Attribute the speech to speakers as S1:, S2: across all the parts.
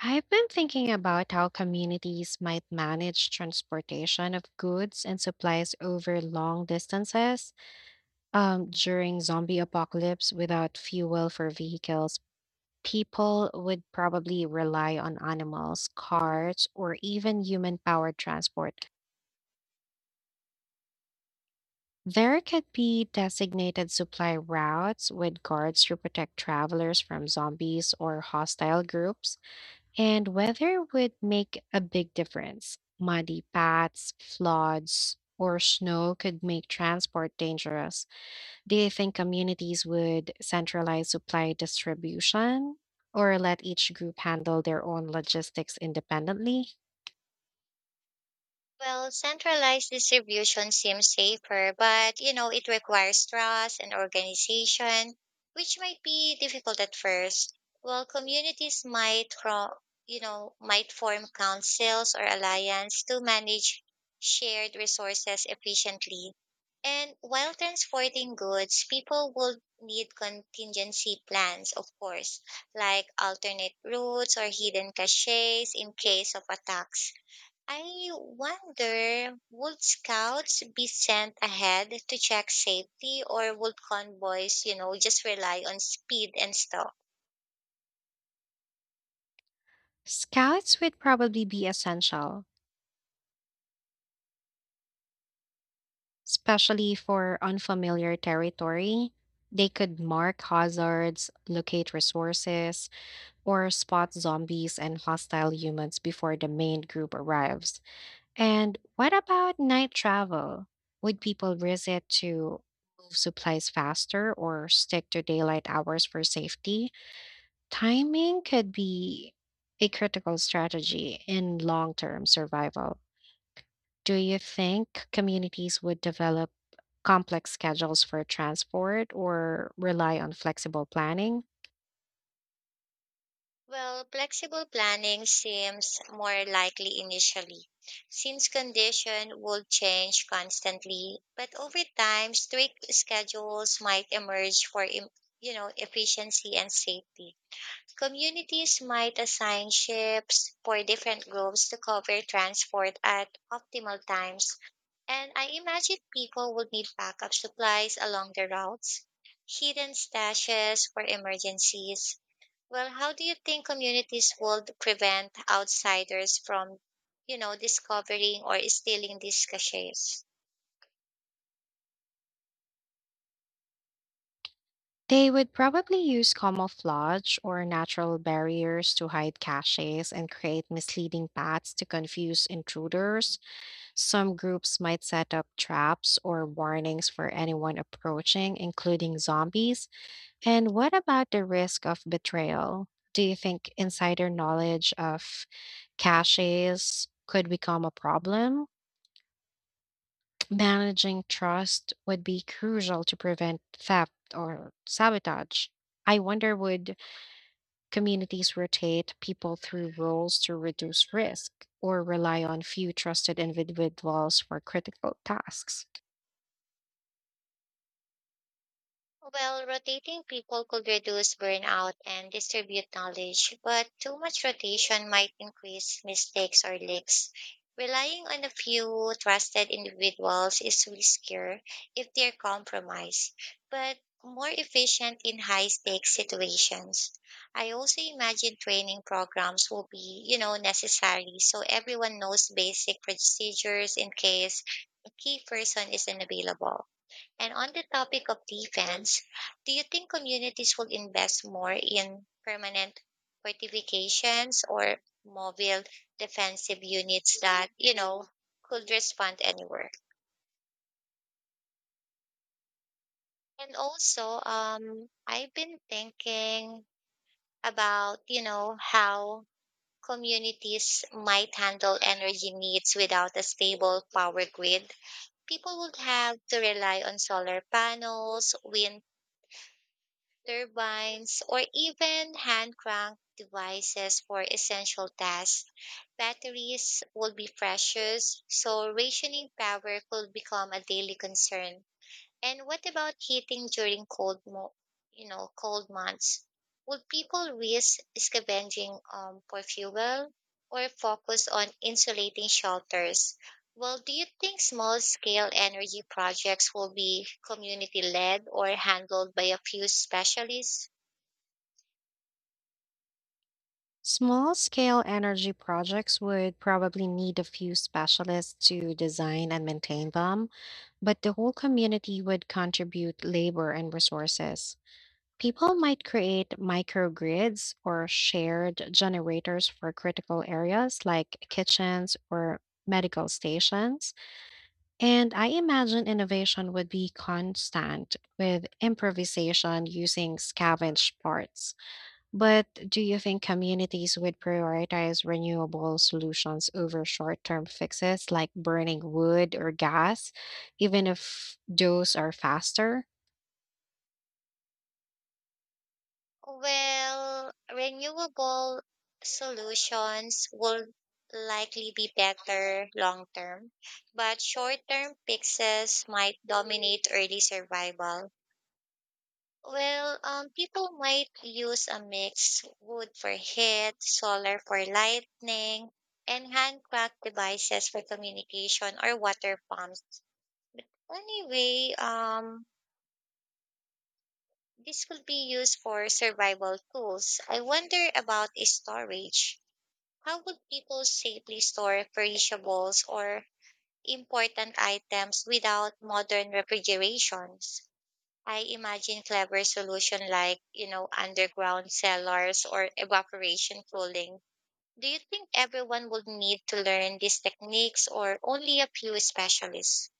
S1: I've been thinking about how communities might manage transportation of goods and supplies over long distances during zombie apocalypse without fuel for vehicles. People would probably rely on animals, carts, or even human powered transport. There could be designated supply routes with guards to protect travelers from zombies or hostile groups. And weather would make a big difference. Muddy paths, floods, or snow could make transport dangerous. Do you think communities would centralize supply distribution or let each group handle their own logistics independently?
S2: Well, centralized distribution seems safer, but it requires trust and organization, which might be difficult at first. Well, communities might form councils or alliance to manage shared resources efficiently. And while transporting goods, people will need contingency plans, of course, like alternate routes or hidden caches in case of attacks. I wonder would scouts be sent ahead to check safety, or would convoys, just rely on speed and stealth?
S1: Scouts would probably be essential, especially for unfamiliar territory. They could mark hazards, locate resources, or spot zombies and hostile humans before the main group arrives. And what about night travel? Would people risk it to move supplies faster or stick to daylight hours for safety? Timing could be a critical strategy in long term survival. Do you think communities would develop complex schedules for transport or rely on flexible planning?
S2: Well, flexible planning seems more likely initially, since condition will change constantly, but over time strict schedules might emerge for efficiency and safety. Communities might assign ships for different groups to cover transport at optimal times, and I imagine people would need backup supplies along the routes, hidden stashes for emergencies. Well, how do you think communities would prevent outsiders from discovering or stealing these caches?
S1: They would probably use camouflage or natural barriers to hide caches and create misleading paths to confuse intruders. Some groups might set up traps or warnings for anyone approaching, including zombies. And what about the risk of betrayal? Do you think insider knowledge of caches could become a problem? Managing trust would be crucial to prevent theft or sabotage. I wonder, would communities rotate people through roles to reduce risk or rely on few trusted individuals for critical tasks?
S2: Well, rotating people could reduce burnout and distribute knowledge, but too much rotation might increase mistakes or leaks. Relying on a few trusted individuals is riskier if they're compromised, but more efficient in high stakes situations. I also imagine training programs will be necessary, so everyone knows basic procedures in case a key person is unavailable. And on the topic of defense, do you think communities will invest more in permanent fortifications, or mobile defensive units that could respond anywhere? And also, I've been thinking about how communities might handle energy needs without a stable power grid. People would have to rely on solar panels, wind turbines, or even handcraft devices for essential tasks. Batteries would be precious, so rationing power could become a daily concern. And what about heating during cold, mo- you know, cold months? Would people risk scavenging for fuel, or focus on insulating shelters? Well, do you think small scale energy projects will be community led or handled by a few specialists?
S1: Small scale energy projects would probably need a few specialists to design and maintain them, but the whole community would contribute labor and resources. People might create microgrids or shared generators for critical areas like kitchens or medical stations. And I imagine innovation would be constant with improvisation using scavenged parts. But do you think communities would prioritize renewable solutions over short term fixes like burning wood or gas, even if those are faster?
S2: Well, renewable solutions will likely be better long term, but short term fixes might dominate early survival. Well, people might use a mix: wood for heat, solar for lighting, and handcraft devices for communication or water pumps. Anyway, this could be used for survival tools. I wonder about storage. How would people safely store perishables or important items without modern refrigerations? I imagine clever solution like, underground cellars or evaporation cooling. Do you think everyone would need to learn these techniques or only a few specialists?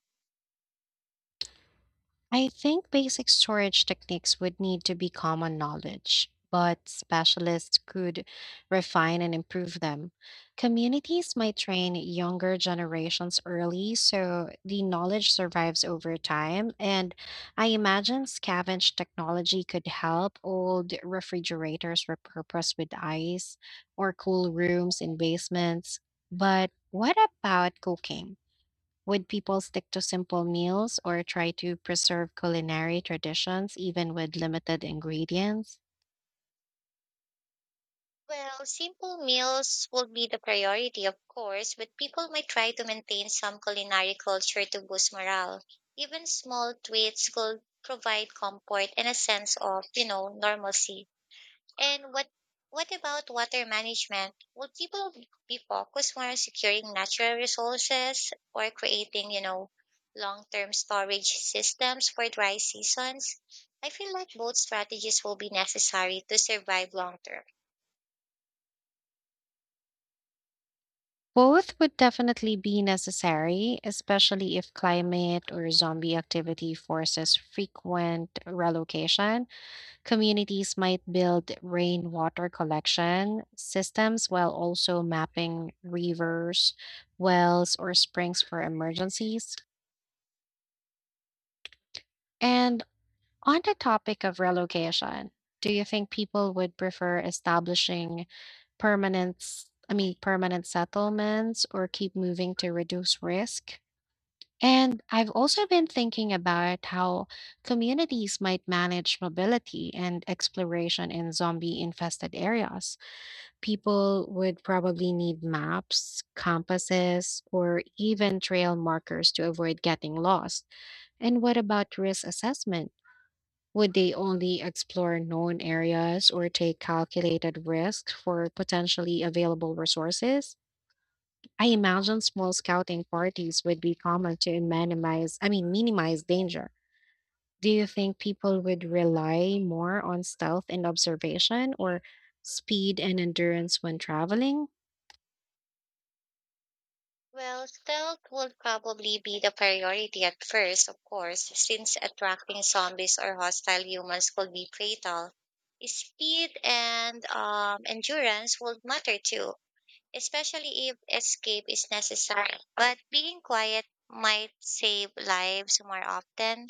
S1: I think basic storage techniques would need to be common knowledge, but specialists could refine and improve them. Communities might train younger generations early so the knowledge survives over time, and I imagine scavenge technology could help old refrigerators repurpose with ice or cool rooms in basements. But what about cooking? Would people stick to simple meals or try to preserve culinary traditions even with limited ingredients?
S2: Well, simple meals will be the priority, of course, but people might try to maintain some culinary culture to boost morale. Even small treats could provide comfort and a sense of normalcy. And what about water management? Will people be focused more on securing natural resources or creating long-term storage systems for dry seasons? I feel like both strategies will be necessary to survive long term.
S1: Both would definitely be necessary, especially if climate or zombie activity forces frequent relocation. Communities might build rainwater collection systems while also mapping rivers, wells, or springs for emergencies. And on the topic of relocation, do you think people would prefer establishing permanent, s- I mean, permanent settlements or keep moving to reduce risk? And I've also been thinking about how communities might manage mobility and exploration in zombie infested areas. People would probably need maps, compasses, or even trail markers to avoid getting lost. And what about risk assessment? Would they only explore known areas or take calculated risks for potentially available resources? I imagine small scouting parties would be common to minimize danger. Do you think people would rely more on stealth and observation or speed and endurance when traveling?
S2: Well, stealth would probably be the priority at first, of course, since attracting zombies or hostile humans could be fatal. Speed and endurance would matter too, especially if escape is necessary. But being quiet might save lives more often.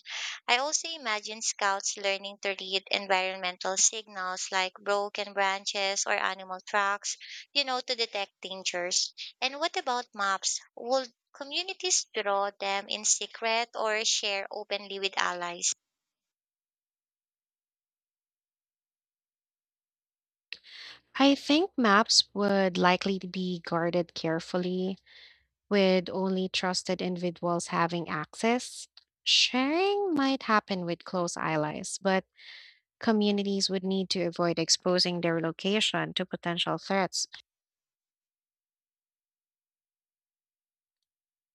S2: I also imagine scouts learning to read environmental signals like broken branches or animal tracks, to detect dangers. And what about maps? Would communities draw them in secret or share openly with allies?
S1: I think maps would likely be guarded carefully, with only trusted individuals having access. Sharing might happen with close allies, but communities would need to avoid exposing their location to potential threats.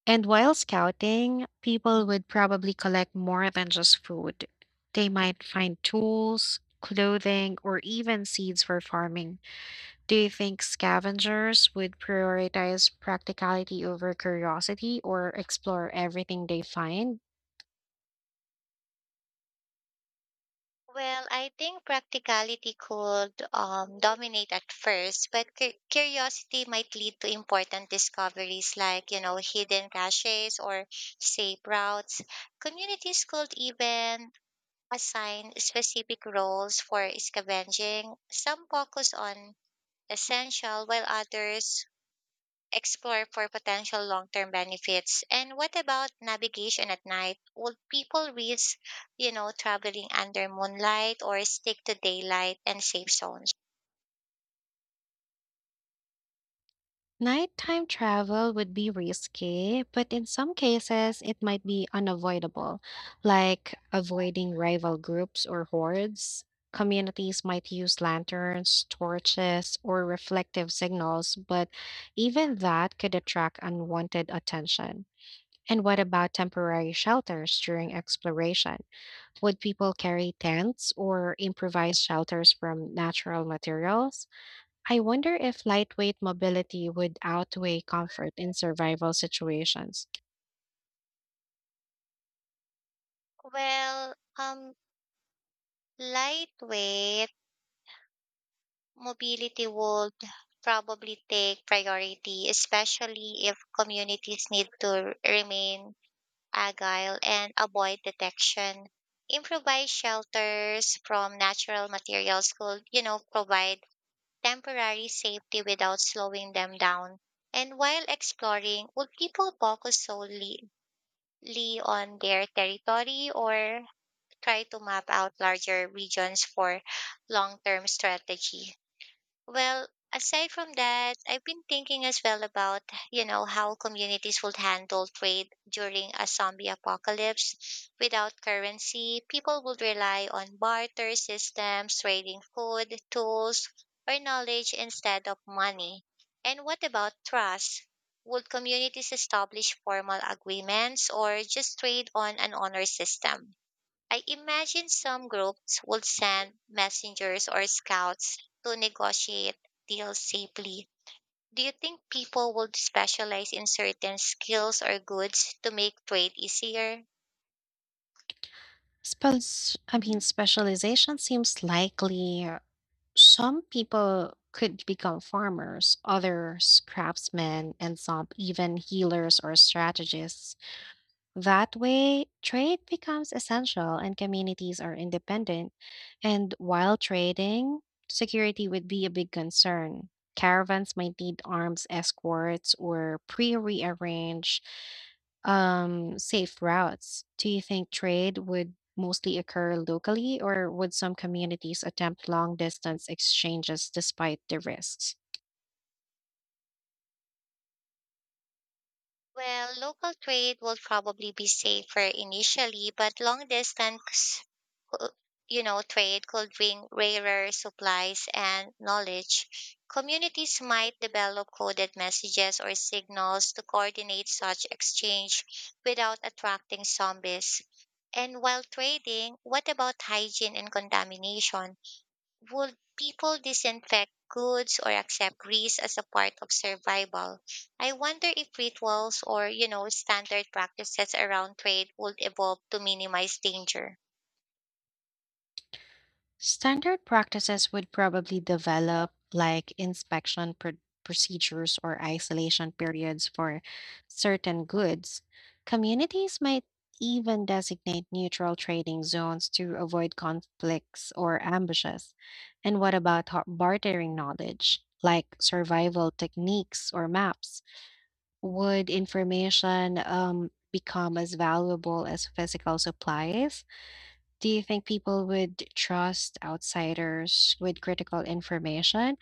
S1: And while scouting, people would probably collect more than just food. They might find tools, clothing, or even seeds for farming. Do you think scavengers would prioritize practicality over curiosity or explore everything they find?
S2: Well, I think practicality could dominate at first, but curiosity might lead to important discoveries like, hidden caches or safe routes. Communities could even assign specific roles for scavenging. Some focus on essential, while others explore for potential long-term benefits. And what about navigation at night? Would people risk, traveling under moonlight, or stick to daylight and safe zones?
S1: Nighttime travel would be risky, but in some cases, it might be unavoidable, like avoiding rival groups or hordes. Communities might use lanterns, torches, or reflective signals, but even that could attract unwanted attention. And what about temporary shelters during exploration? Would people carry tents or improvise shelters from natural materials? I wonder if lightweight mobility would outweigh comfort in survival situations.
S2: Well, lightweight mobility would probably take priority, especially if communities need to remain agile and avoid detection. Improvised shelters from natural materials could, provide temporary safety without slowing them down. And while exploring, would people focus solely on their territory, or try to map out larger regions for long term strategy? Well, aside from that, I've been thinking as well about, how communities would handle trade during a zombie apocalypse. Without currency, people would rely on barter systems, trading food, tools, or knowledge instead of money. And what about trust? Would communities establish formal agreements or just trade on an honor system? I imagine some groups would send messengers or scouts to negotiate deals safely. Do you think people would specialize in certain skills or goods to make trade easier?
S1: Specialization seems likely. Some people could become farmers, others craftsmen, and some even healers or strategists. That way, trade becomes essential and communities are independent. And while trading, security would be a big concern. Caravans might need arms escorts or pre rearranged safe routes. Do you think trade would mostly occur locally, or would some communities attempt long distance exchanges despite the risks?
S2: Well, local trade will probably be safer initially, but long distance uh, trade could bring rarer supplies and knowledge. Communities might develop coded messages or signals to coordinate such exchange without attracting zombies. And while trading, what about hygiene and contamination? Would people disinfect goods or accept grease as a part of survival? I wonder if rituals or, standard practices around trade would evolve to minimize danger.
S1: Standard practices would probably develop like inspection procedures or isolation periods for certain goods. Communities might even designate neutral trading zones to avoid conflicts or ambushes. And what about bartering knowledge? Like survival techniques or maps, would information become as valuable as physical supplies? Do you think people would trust outsiders with critical information,